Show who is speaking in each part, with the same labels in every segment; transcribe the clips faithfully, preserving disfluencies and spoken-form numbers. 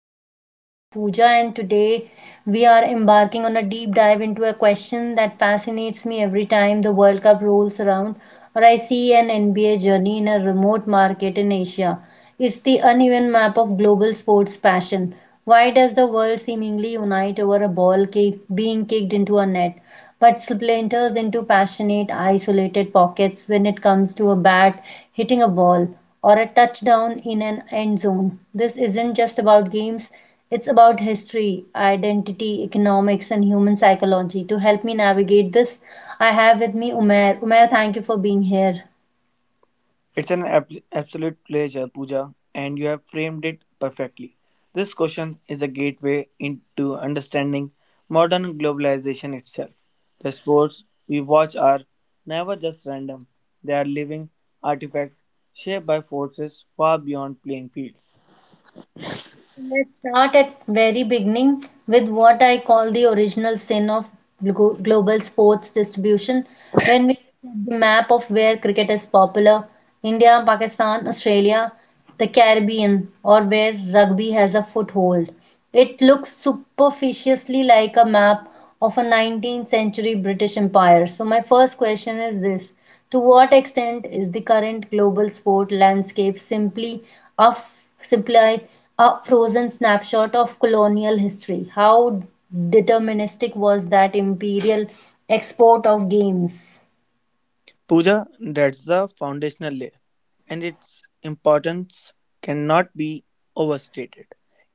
Speaker 1: I'm your host Pooja, and today we are embarking on a deep dive into a question that fascinates me every time the World Cup rolls around or I see an N B A journey in a remote market in Asia. It's the uneven map of global sports passion. Why does the world seemingly unite over a ball kick being kicked into a net, but splinters into passionate, isolated pockets when it comes to a bat hitting a ball or a touchdown in an end zone? This isn't just about games, it's about history, identity, economics, and human psychology. To help me navigate this, I have with me Umair. Umair, thank you for being here.
Speaker 2: It's an ab- absolute pleasure, Pooja, and you have framed it perfectly. This question is a gateway into understanding modern globalization itself. The sports we watch are never just random, they are living artifacts shaped by forces far beyond playing fields.
Speaker 1: Let's start at very beginning with what I call the original sin of glo- global sports distribution. When we look at the map of where cricket is popular, India, Pakistan, Australia, the Caribbean, or where rugby has a foothold, it looks superficially like a map of a nineteenth century British Empire. So my first question is this. To what extent is the current global sport landscape simply a simply a frozen snapshot of colonial history? How deterministic was that imperial export of games?
Speaker 2: Puja, that's the foundational layer, and its importance cannot be overstated.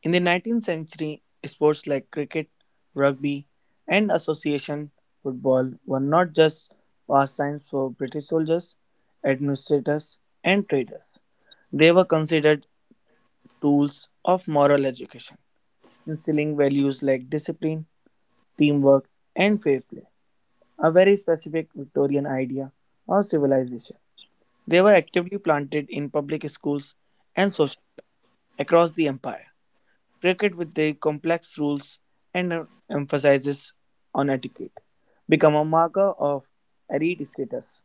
Speaker 2: In the nineteenth century, sports like cricket, rugby, and association football were not just pastimes for British soldiers, administrators, and traders. They were considered tools of moral education, instilling values like discipline, teamwork, and fair play, a very specific Victorian idea of civilization. They were actively planted in public schools and social clubs across the empire. Cricket, with their complex rules and uh, emphasis on etiquette, become a marker of elite status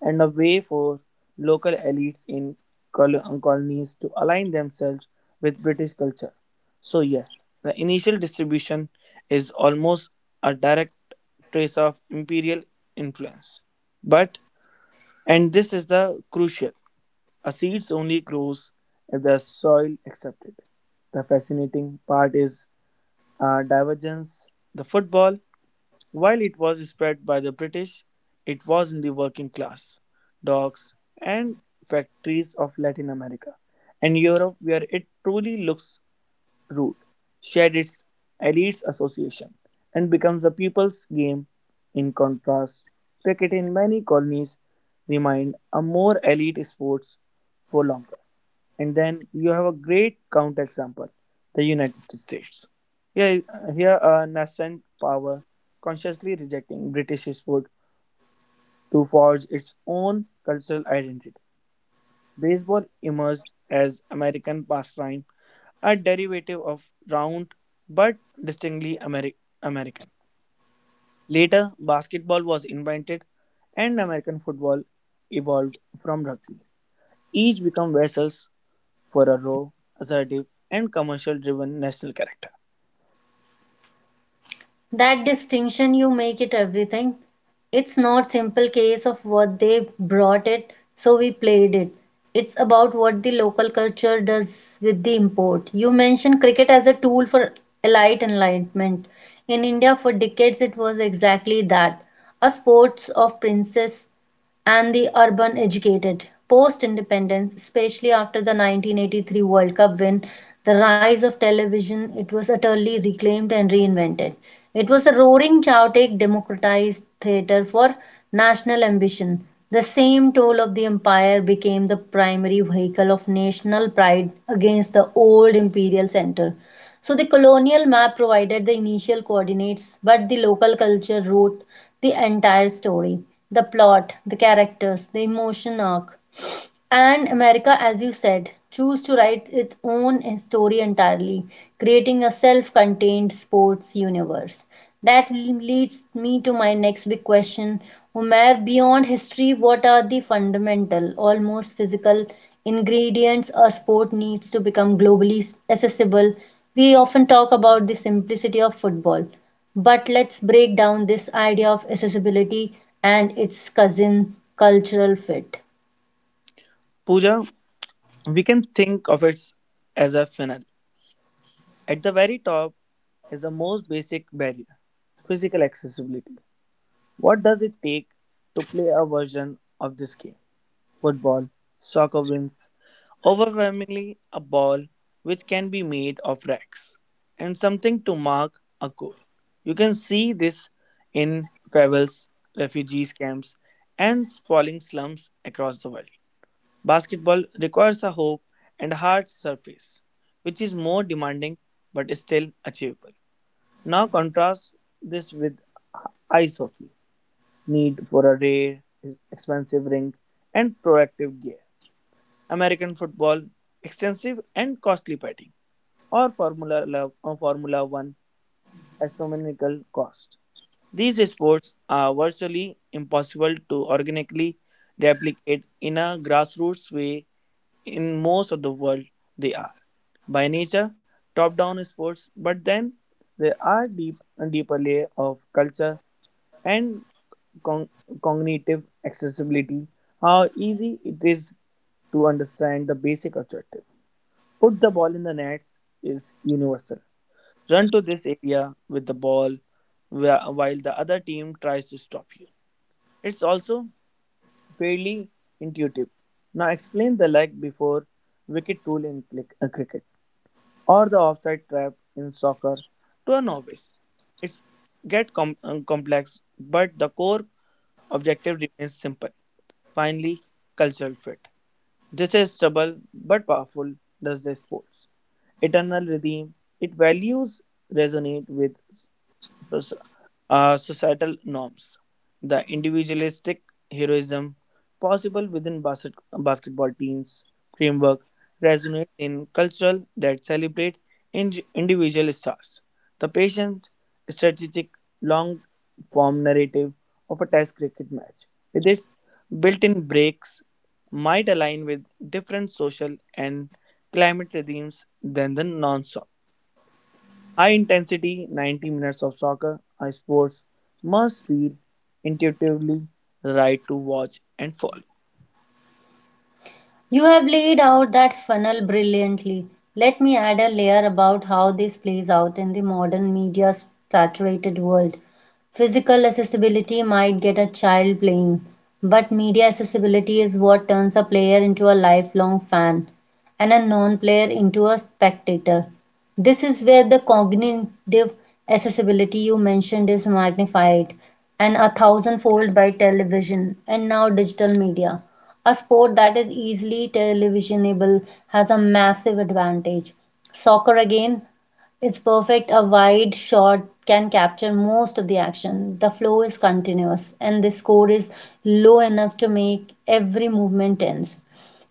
Speaker 2: and a way for local elites in col- uh, colonies to align themselves with British culture. So, yes, the initial distribution is almost a direct trace of imperial influence. But, and this is the crucial, a seed only grows if the soil accepts it. The fascinating part is uh, divergence. The football, while it was spread by the British, it was in the working class, docks, and factories of Latin America and Europe, where it truly looks rude, shed its elites association, and becomes the people's game. In contrast, cricket in many colonies remained a more elite sports for longer and then you have a great counterexample, the United States. Here, here a nascent power consciously rejecting British sport to forge its own cultural identity. Baseball emerged as American pastime, a derivative of round but distinctly Ameri- American. Later, basketball was invented and American football evolved from rugby. Each become vessels for a raw, assertive, and commercial driven national character.
Speaker 1: That distinction you make it everything, it's not simple case of what they brought it so we played it, it's about what the local culture does with the import. You mentioned cricket as a tool for elite enlightenment in India. For decades it was exactly that, a sports of princes and the urban educated. Post independence, especially after the nineteen eighty-three World Cup win, the rise of television, it was utterly reclaimed and reinvented. It was a roaring chaotic democratized theater for national ambition. The same tool of the empire became the primary vehicle of national pride against the old imperial center. So the colonial map provided the initial coordinates, but the local culture wrote the entire story, the plot, the characters, the emotion arc, and America, as you said, choose to write its own story entirely, creating a self contained sports universe. That leads me to my next big question. Umair, beyond history, what are the fundamental, almost physical ingredients a sport needs to become globally accessible? We often talk about the simplicity of football, but let's break down this idea of accessibility and its cousin, cultural fit.
Speaker 2: Puja, we can think of it as a funnel. At the very top is the most basic barrier, physical accessibility. What does it take to play a version of this game? Football, soccer wins, overwhelmingly a ball which can be made of racks and something to mark a goal. You can see this in favels, refugees camps, and sprawling slums across the world. Basketball requires a hoop and hard surface, which is more demanding but still achievable. Now contrast this with h- ice hockey, need for a rare, expensive rink, and proactive gear. American football, extensive and costly batting, or Formula, Lo- or Formula One, astronomical cost. These sports are virtually impossible to organically replicate in a grassroots way in most of the world. They are by nature top-down sports, but then there are deep deeper layer of culture and con- cognitive accessibility. How easy it is to understand the basic objective. Put the ball in the nets is universal. Run to this area with the ball wh- while the other team tries to stop you. It's also fairly intuitive. Now explain the leg before wicket rule in click- uh, cricket, or the offside trap in soccer to a novice. It's get com- uh, complex, but the core objective remains simple. Finally, cultural fit. This is stubble but powerful. Does the sports eternal redeem? It values resonate with so- uh, societal norms, the individualistic heroism possible within basket, basketball teams framework resonate in cultural that celebrate in- individual stars. The patient, strategic, long-form narrative of a Test cricket match with its built-in breaks might align with different social and climate regimes than the non high intensity ninety minutes of soccer uh, sports must feel intuitively right to watch and follow.
Speaker 1: You have laid out that funnel brilliantly. Let me add a layer about how this plays out in the modern media saturated world. Physical accessibility might get a child playing, but media accessibility is what turns a player into a lifelong fan. An unknown player into a spectator. This is where the cognitive accessibility you mentioned is magnified and a thousandfold by television and now digital media. A sport that is easily televisionable has a massive advantage. Soccer, again, is perfect. A wide shot can capture most of the action. The flow is continuous, and the score is low enough to make every movement tense.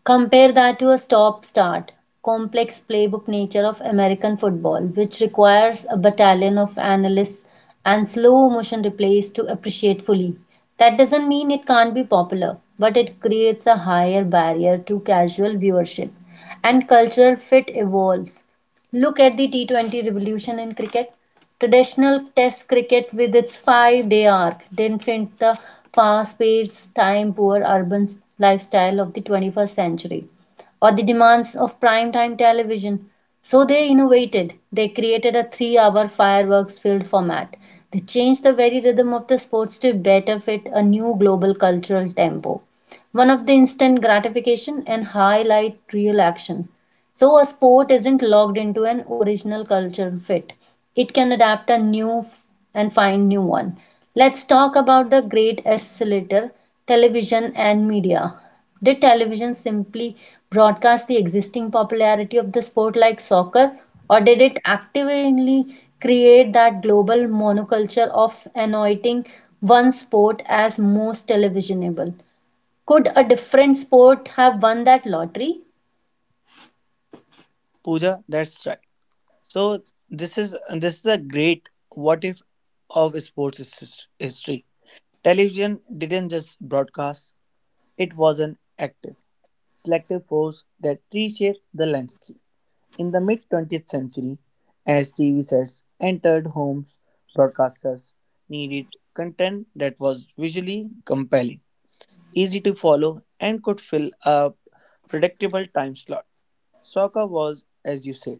Speaker 1: Compare that to a stop start, complex playbook nature of American football, which requires a battalion of analysts and slow motion replays to appreciate fully. That doesn't mean it can't be popular, but it creates a higher barrier to casual viewership. And cultural fit evolves. Look at the T twenty revolution in cricket. Traditional Test cricket, with its five day arc, didn't fit the fast paced, time poor urban lifestyle of the twenty-first century or the demands of prime time television. So they innovated. They created a three hour fireworks filled format. They changed the very rhythm of the sports to better fit a new global cultural tempo. One of the instant gratification and highlight real action. So a sport isn't locked into an original cultural fit. It can adapt a new f- and find new one. Let's talk about the great oscillator, television and media. Did television simply broadcast the existing popularity of the sport like soccer, or did it actively create that global monoculture of anointing one sport as most televisionable? Could a different sport have won that lottery?
Speaker 2: Pooja, that's right. So this is this is a great what if of sports his- history. Television didn't just broadcast; it was an active, selective force that reshaped the landscape. In the mid twentieth century, as T V sets entered homes, broadcasters needed content that was visually compelling, easy to follow, and could fill a predictable time slot. Soccer was, as you said,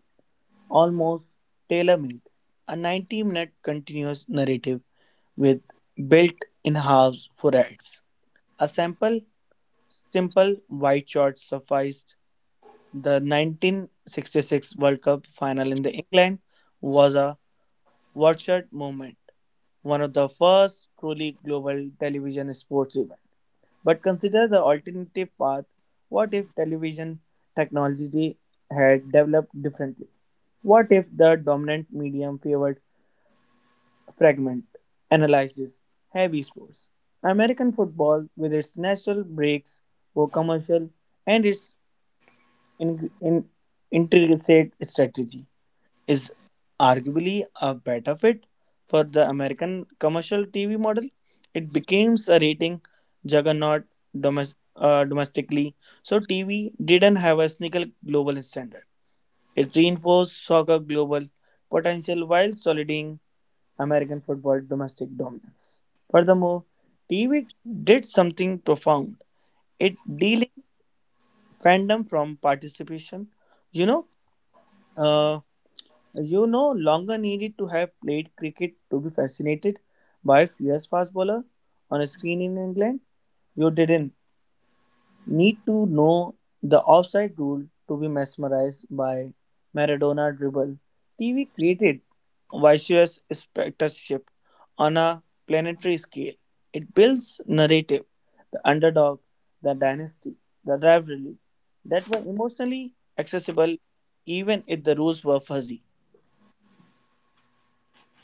Speaker 2: almost tailor made, a ninety minute continuous narrative with built in halves for ads. A sample, simple white shot sufficed. The nineteen sixty-six World Cup final in the England was a watershed moment, one of the first truly global television sports event. But consider the alternative path. What if television technology had developed differently? What if the dominant medium favored fragment analysis, heavy sports? American football, with its natural breaks for commercial and its in, in, intricate strategy, is arguably a better fit for the American commercial T V model. It becomes a rating juggernaut domes- uh, domestically, so T V didn't have a single global standard. It reinforced soccer global potential while solidifying American football domestic dominance. Furthermore, T V did something profound. It dealing fandom from participation. You know, uh, You know, longer needed to have played cricket to be fascinated by a fierce fast bowler on a screen in England. You didn't need to know the offside rule to be mesmerized by Maradona dribble. T V created vicious spectatorship on a planetary scale. It builds narrative, the underdog, the dynasty, the rivalry that were emotionally accessible even if the rules were fuzzy.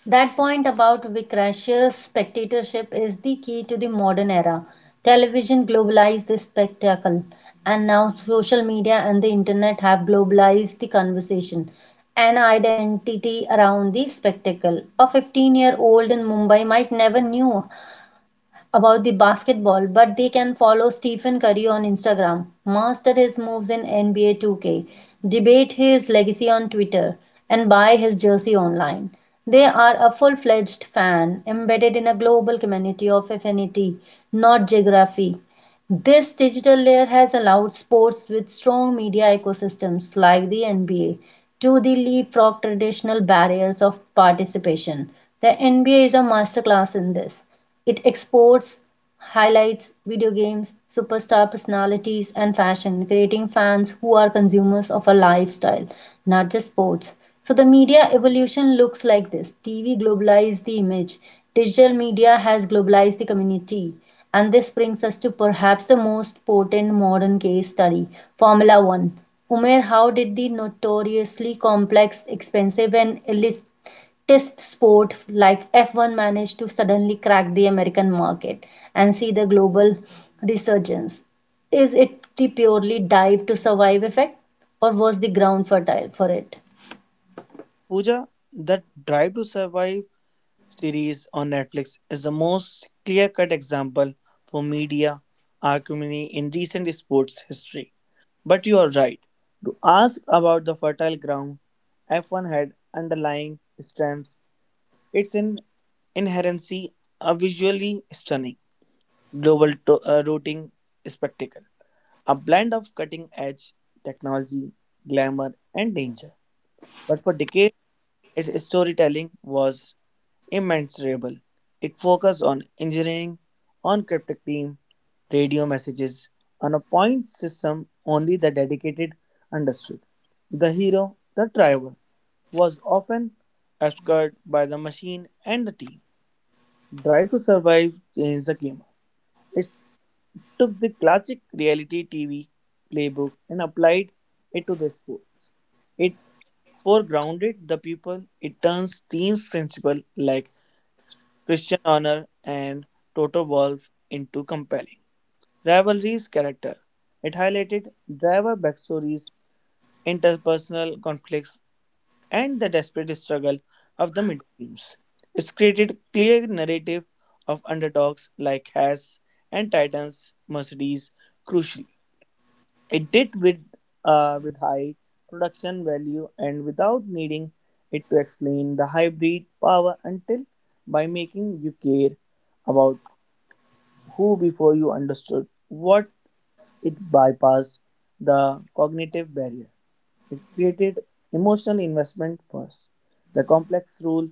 Speaker 1: That point about Vicrash's spectatorship is the key to the modern era. Television globalized the spectacle, and now social media and the internet have globalized the conversation and identity around the spectacle. A fifteen year old in Mumbai might never knew about the basketball, but they can follow Stephen Curry on Instagram, master his moves in N B A two K, debate his legacy on Twitter, and buy his jersey online. They are a full fledged fan embedded in a global community of affinity, not geography. This digital layer has allowed sports with strong media ecosystems like the N B A to the leapfrog traditional barriers of participation. The N B A is a masterclass in this. It exports highlights, video games, superstar personalities, and fashion, creating fans who are consumers of a lifestyle, not just sports. So the media evolution looks like this. T V globalized the image. Digital media has globalized the community. And this brings us to perhaps the most potent modern case study, Formula One. Umair, how did the notoriously complex, expensive, and elitist sport like F one manage to suddenly crack the American market and see the global resurgence? Is it the purely dive to survive effect, or was the ground fertile for it?
Speaker 2: Pooja, that Drive to Survive series on Netflix is the most clear cut example for media arcuminy in recent sports history. But you are right. To ask about the fertile ground, F one had underlying strengths, its in inherency are visually stunning global to- uh, routing spectacle, a blend of cutting edge technology, glamour, and danger. But for decades, its storytelling was immeasurable. It focused on engineering, on cryptic team, radio messages, on a point system only the dedicated understood. The hero, the driver, was often obscured by the machine and the team. Drive to Survive changed the game. It took the classic reality T V playbook and applied it to the sports. It foregrounded the people. It turns team principle like Christian Honor and Toto Wolff into compelling rivalries character. It highlighted driver backstories, interpersonal conflicts, and the desperate struggle of the middle teams. It created clear narrative of underdogs like Haas and Titans Mercedes crucially. It did with uh, with high production value and without needing it to explain the hybrid power until, by making you care about who before you understood what, it bypassed the cognitive barrier. It created emotional investment first. The complex rule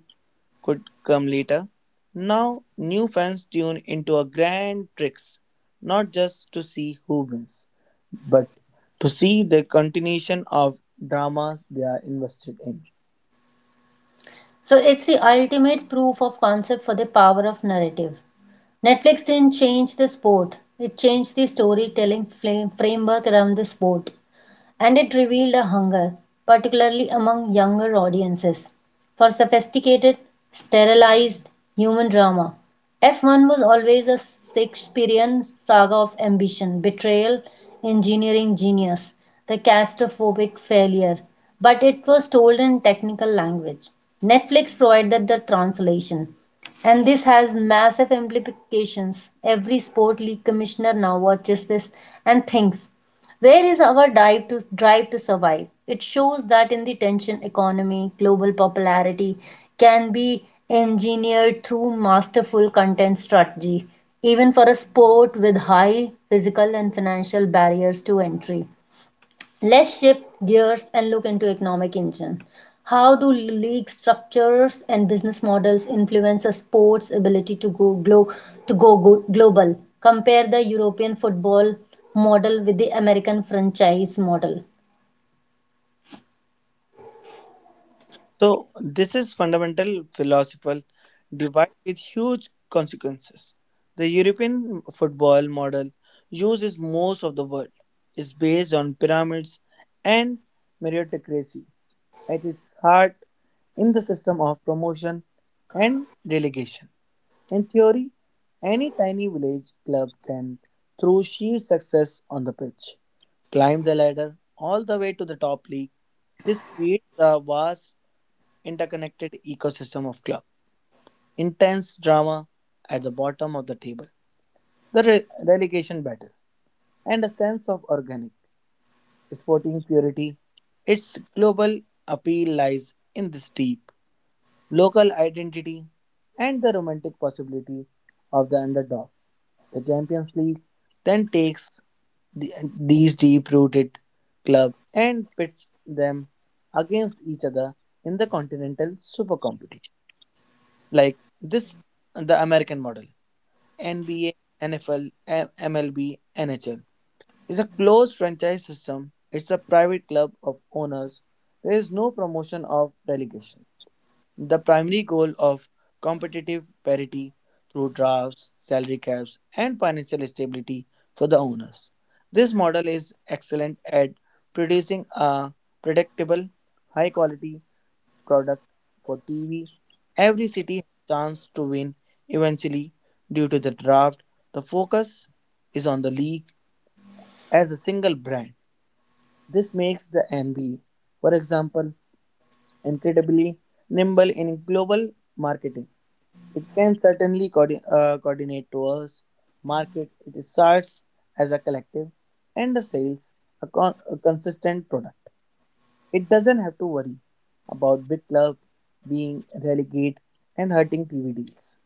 Speaker 2: could come later. Now, new fans tune into a grand tricks, not just to see who wins, but to see the continuation of dramas they are invested in.
Speaker 1: So it's the ultimate proof of concept for the power of narrative. Netflix didn't change the sport, it changed the storytelling framework around the sport, and it revealed a hunger, particularly among younger audiences, for sophisticated, sterilized human drama. F one was always a Shakespearean saga of ambition, betrayal, engineering genius, the catastrophic failure, but it was told in technical language. Netflix provided the translation. And this has massive implications. Every sport league commissioner now watches this and thinks, where is our drive to, drive to survive? It shows that in the tension economy, global popularity can be engineered through masterful content strategy, even for a sport with high physical and financial barriers to entry. Let's shift gears and look into economic engine. How do league structures and business models influence a sport's ability to go glo- to go go- global? Compare the European football model with the American franchise model.
Speaker 2: So, this is fundamental philosophical divide with huge consequences. The European football model used in most of the world is based on pyramids and meritocracy at its heart in the system of promotion and relegation. In theory, any tiny village club can, through sheer success on the pitch, climb the ladder all the way to the top league. This creates a vast interconnected ecosystem of club. Intense drama at the bottom of the table, the re- relegation battle, and a sense of organic sporting purity. Its global appeal lies in this deep local identity and the romantic possibility of the underdog. The Champions League then takes the, these deep rooted club and pits them against each other in the continental super competition. Like this the American model. NBA, NFL, MLB, NHL is a closed franchise system. It's a private club of owners. There is no promotion of relegation. The primary goal of competitive parity through drafts, salary caps, and financial stability for the owners. This model is excellent at producing a predictable, high quality product for T V. Every city has a chance to win eventually due to the draft. The focus is on the league as a single brand. This makes the N B A, for example, incredibly nimble in global marketing. It can certainly coordi- uh, coordinate tours, market its starts as a collective, and the sales a, con- a consistent product. It doesn't have to worry about big club being relegated and hurting T V deals.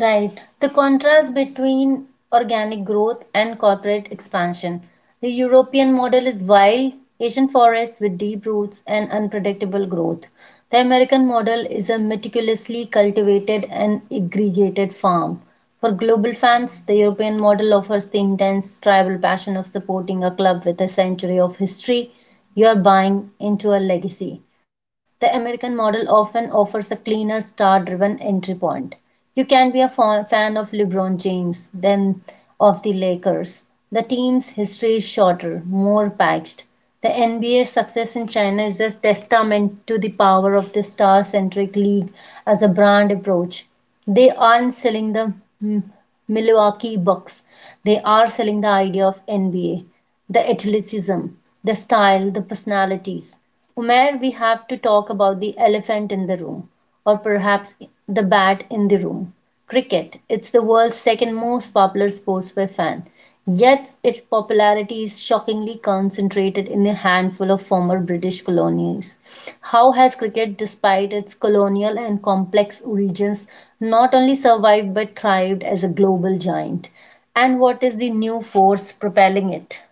Speaker 1: Right. The contrast between organic growth and corporate expansion. The European model is wild, Asian forests with deep roots and unpredictable growth. The American model is a meticulously cultivated and aggregated farm. For global fans, the European model offers the intense tribal passion of supporting a club with a century of history, you're buying into a legacy. The American model often offers a cleaner, star driven entry point. You can be a fan of LeBron James than of the Lakers. The team's history is shorter, more packed. The N B A success in China is a testament to the power of the star centric league as a brand approach. They aren't selling the mm, Milwaukee Bucks, they are selling the idea of N B A, the athleticism, the style, the personalities. Umair, we have to talk about the elephant in the room, or perhaps the bat in the room. Cricket. It's the world's second most popular sport by fan. Yet its popularity is shockingly concentrated in a handful of former British colonies. How has cricket, despite its colonial and complex origins, not only survived but thrived as a global giant? And what is the new force propelling it?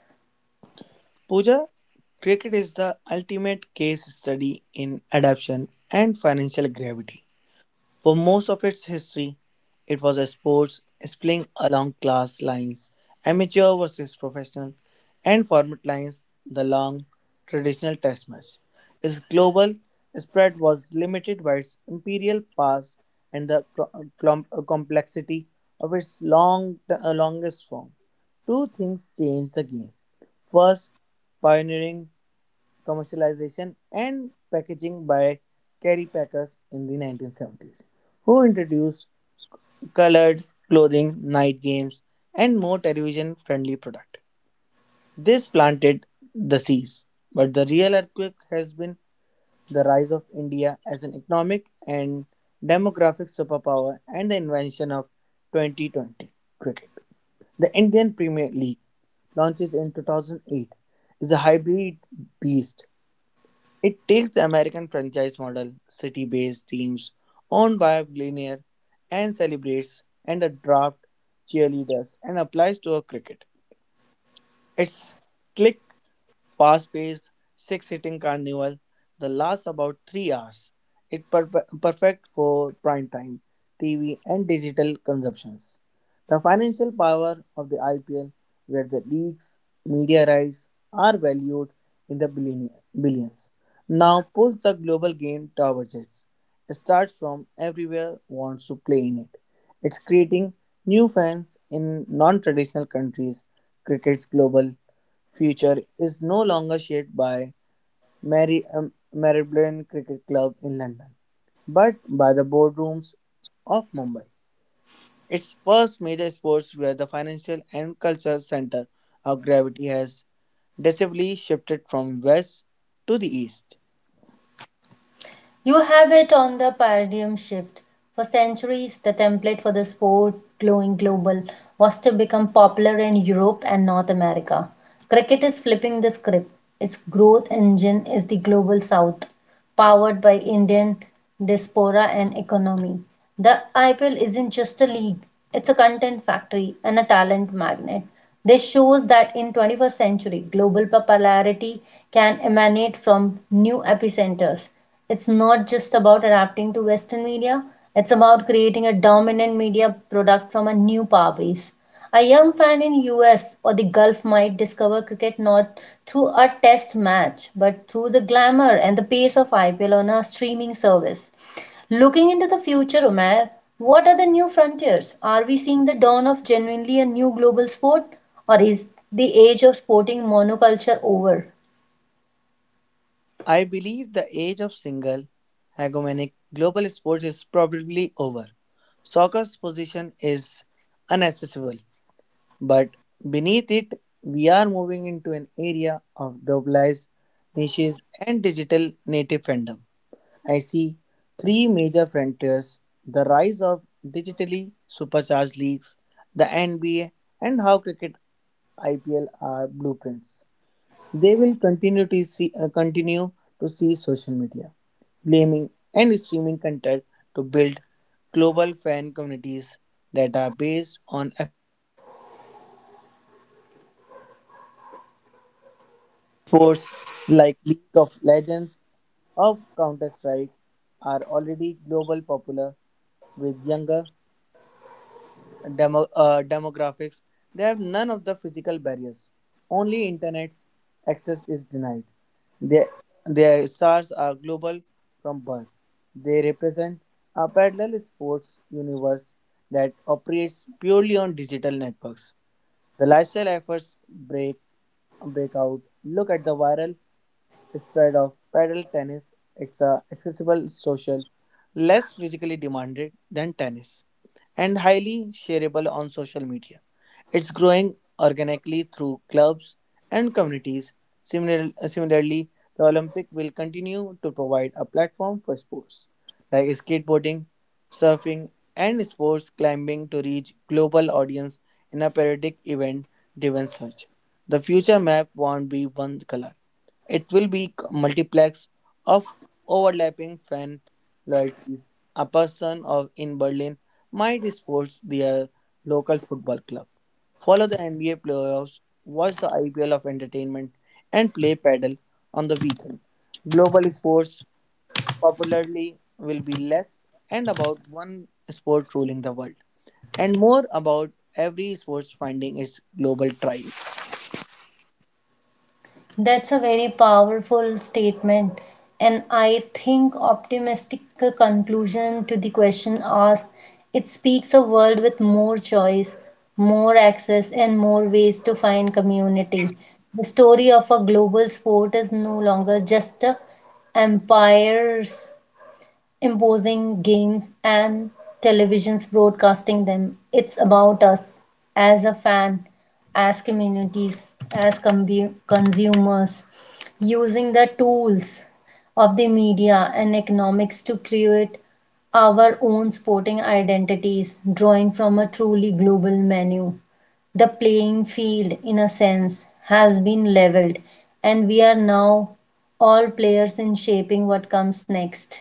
Speaker 2: Pooja, cricket is the ultimate case study in adaptation and financial gravity. For most of its history, it was a sport spilling along class lines, amateur versus professional, and format lines, the long traditional test match. Its global spread was limited by its imperial past and the co- uh, com- uh, complexity of its long, the uh, longest form. Two things changed the game. First, pioneering commercialization, and packaging by Kerry Packers in the nineteen seventies, who introduced colored clothing, night games, and more television friendly product. This planted the seeds, but the real earthquake has been the rise of India as an economic and demographic superpower and the invention of twenty twenty cricket. The Indian Premier League launches in two thousand eight is a hybrid beast. It takes the American franchise model, city based teams owned by billionaire, and celebrates and a draft cheerleaders and applies to a cricket. It's slick, fast paced, six hitting carnival that lasts about three hours. It's per- perfect for prime time, T V, and digital consumptions. The financial power of the I P L, where the leagues, media rights are valued in the billion- billions, now pulls the global game towards it. Starts from everywhere wants to play in it. It's creating new fans in non-traditional countries. Cricket's global future is no longer shaped by Mary, um, Marylebone Cricket Club in London, but by the boardrooms of Mumbai. Its first major sports were the financial and cultural center of gravity has decisively shifted from west to the east.
Speaker 1: You have it on the paradigm shift. For centuries, the template for the sport going global was to become popular in Europe and North America. Cricket is flipping the script. Its growth engine is the global south, powered by Indian diaspora and economy. The I P L isn't just a league, it's a content factory and a talent magnet. This shows that in twenty-first century, global popularity can emanate from new epicenters. It's not just about adapting to Western media, it's about creating a dominant media product from a new power base. A young fan in U S or the Gulf might discover cricket not through a test match, but through the glamour and the pace of I P L on a streaming service. Looking into the future, Omer, what are the new frontiers? Are we seeing the dawn of genuinely a new global sport, or is the age of sporting monoculture over?
Speaker 2: I believe the age of single, hegemonic global sports is probably over. Soccer's position is unaccessible. But beneath it, we are moving into an area of globalized niches and digital native fandom. I see three major frontiers, the rise of digitally supercharged leagues, the N B A, and how cricket I P L are blueprints. They will continue to see, uh, continue to see social media, blaming and streaming content to build global fan communities that are based on sports like League of Legends or Counter Strike are already global popular with younger demo, uh, demographics. They have none of the physical barriers. Only internet access is denied. Their, their stars are global from birth. They represent a parallel sports universe that operates purely on digital networks. The lifestyle efforts break break out. Look at the viral spread of paddle tennis. It's a accessible, social, less physically demanded than tennis, and highly shareable on social media. It's growing organically through clubs and communities. Similar, similarly, the Olympic will continue to provide a platform for sports like skateboarding, surfing, and sports climbing to reach global audience in a periodic event-driven search. The future map won't be one color. It will be c- multiplex of overlapping fan loyalties. A person of in Berlin might support their local football club, follow the N B A playoffs, watch the I P L of entertainment, and play paddle on the weekend. Global sports popularly will be less and about one sport ruling the world, and more about every sports finding its global tribe.
Speaker 1: That's a very powerful statement, and I think optimistic conclusion to the question asked. It speaks a world with more choice, more access, and more ways to find community. The story of a global sport is no longer just a empires imposing games and televisions broadcasting them. It's about us as a fan, as communities, as combu- consumers, using the tools of the media and economics to create our own sporting identities, drawing from a truly global menu. The playing field, in a sense, has been leveled, and we are now all players in shaping what comes next.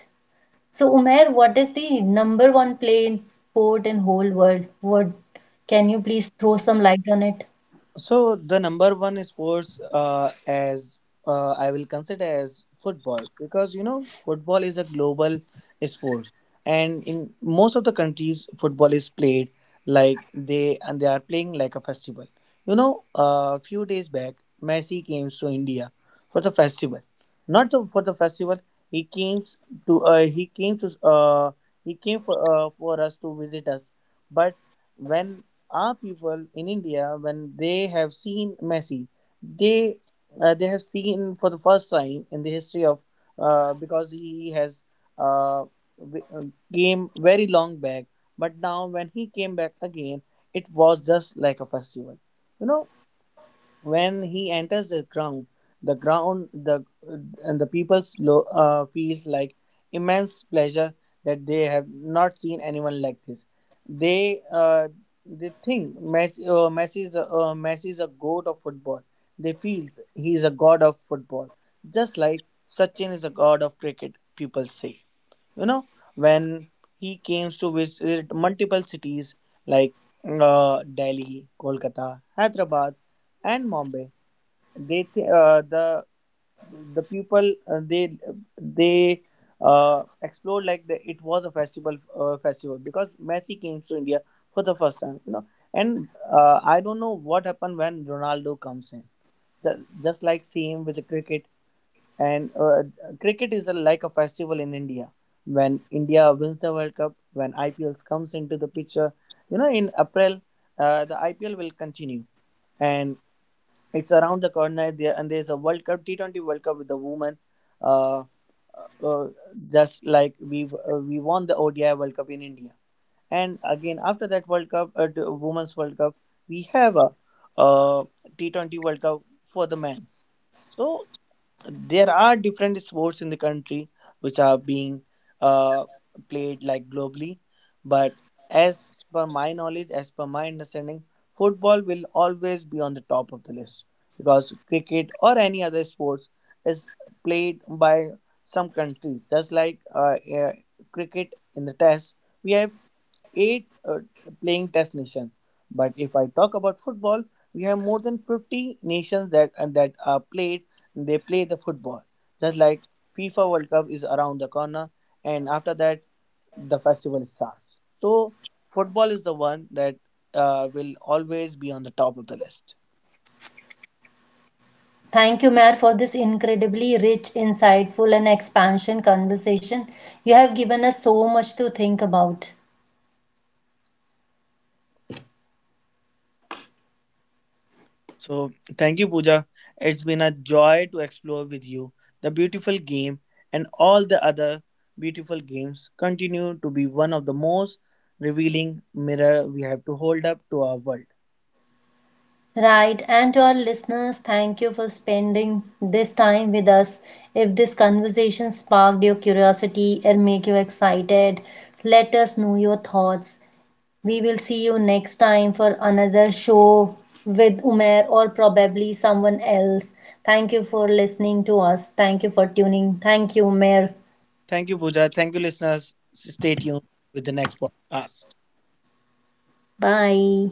Speaker 1: So, Umair, what is the number one played sport in whole world? What can you please throw some light on it?
Speaker 2: So the number one sports uh, as uh, I will consider as football because, you know, football is a global sport, and in most of the countries football is played like they and they are playing like a festival. You know, a few days back Messi came to India for the festival. Not the, for the festival, he came to uh, he came to uh, he came for uh, for us to visit us, but when our people in India, when they have seen Messi, they uh, they have seen for the first time in the history of uh, because he has uh, w- uh, came very long back, but now when he came back again, it was just like a festival. You know, when he enters the ground, the ground the and the people's lo, uh, feels like immense pleasure that they have not seen anyone like this. they uh, they think messi uh, messi is a, uh, Messi is a god of football. They feels he is a god of football, just like Sachin is a god of cricket, people say. You know, when he came to visit multiple cities like uh, Delhi, Kolkata, Hyderabad, and Mumbai, they th- uh, the the people uh, they they uh, explored like the, it was a festival, uh, festival because Messi came to India for the first time, you know. And uh, I don't know what happened when Ronaldo comes in. just, just like same with the cricket. And uh, cricket is a, like a festival in India. When India wins the World Cup, when I P Ls comes into the picture, you know, in April, uh, the I P L will continue, and it's around the corner. There and there's a World Cup, T twenty World Cup with the women. Uh, uh, uh, just like we uh, we won the O D I World Cup in India, and again after that World Cup, uh, the Women's World Cup, we have a uh, T twenty World Cup for the men's. So there are different sports in the country which are being uh, played like globally, but as per my knowledge, as per my understanding, football will always be on the top of the list because cricket or any other sports is played by some countries, just like uh, uh, cricket in the test, we have eight uh, playing test nation, but if I talk about football, we have more than fifty nations that and that are played, they play the football. Just like FIFA World Cup is around the corner, and after that the festival starts. So football is the one that uh, will always be on the top of the list.
Speaker 1: Thank you, Umair, for this incredibly rich, insightful, and expansion conversation. You have given us so much to think about.
Speaker 2: So thank you, Pooja. It's been a joy to explore with you. The beautiful game and all the other beautiful games continue to be one of the most revealing mirror we have to hold up to our world.
Speaker 1: Right, and to our listeners, thank you for spending this time with us. If this conversation sparked your curiosity and make you excited, let us know your thoughts. We will see you next time for another show with Umer or probably someone else. Thank you for listening to us. Thank you for tuning. Thank you, Umer.
Speaker 2: Thank you, Pooja. Thank you, listeners. Stay tuned with the next podcast.
Speaker 1: Bye.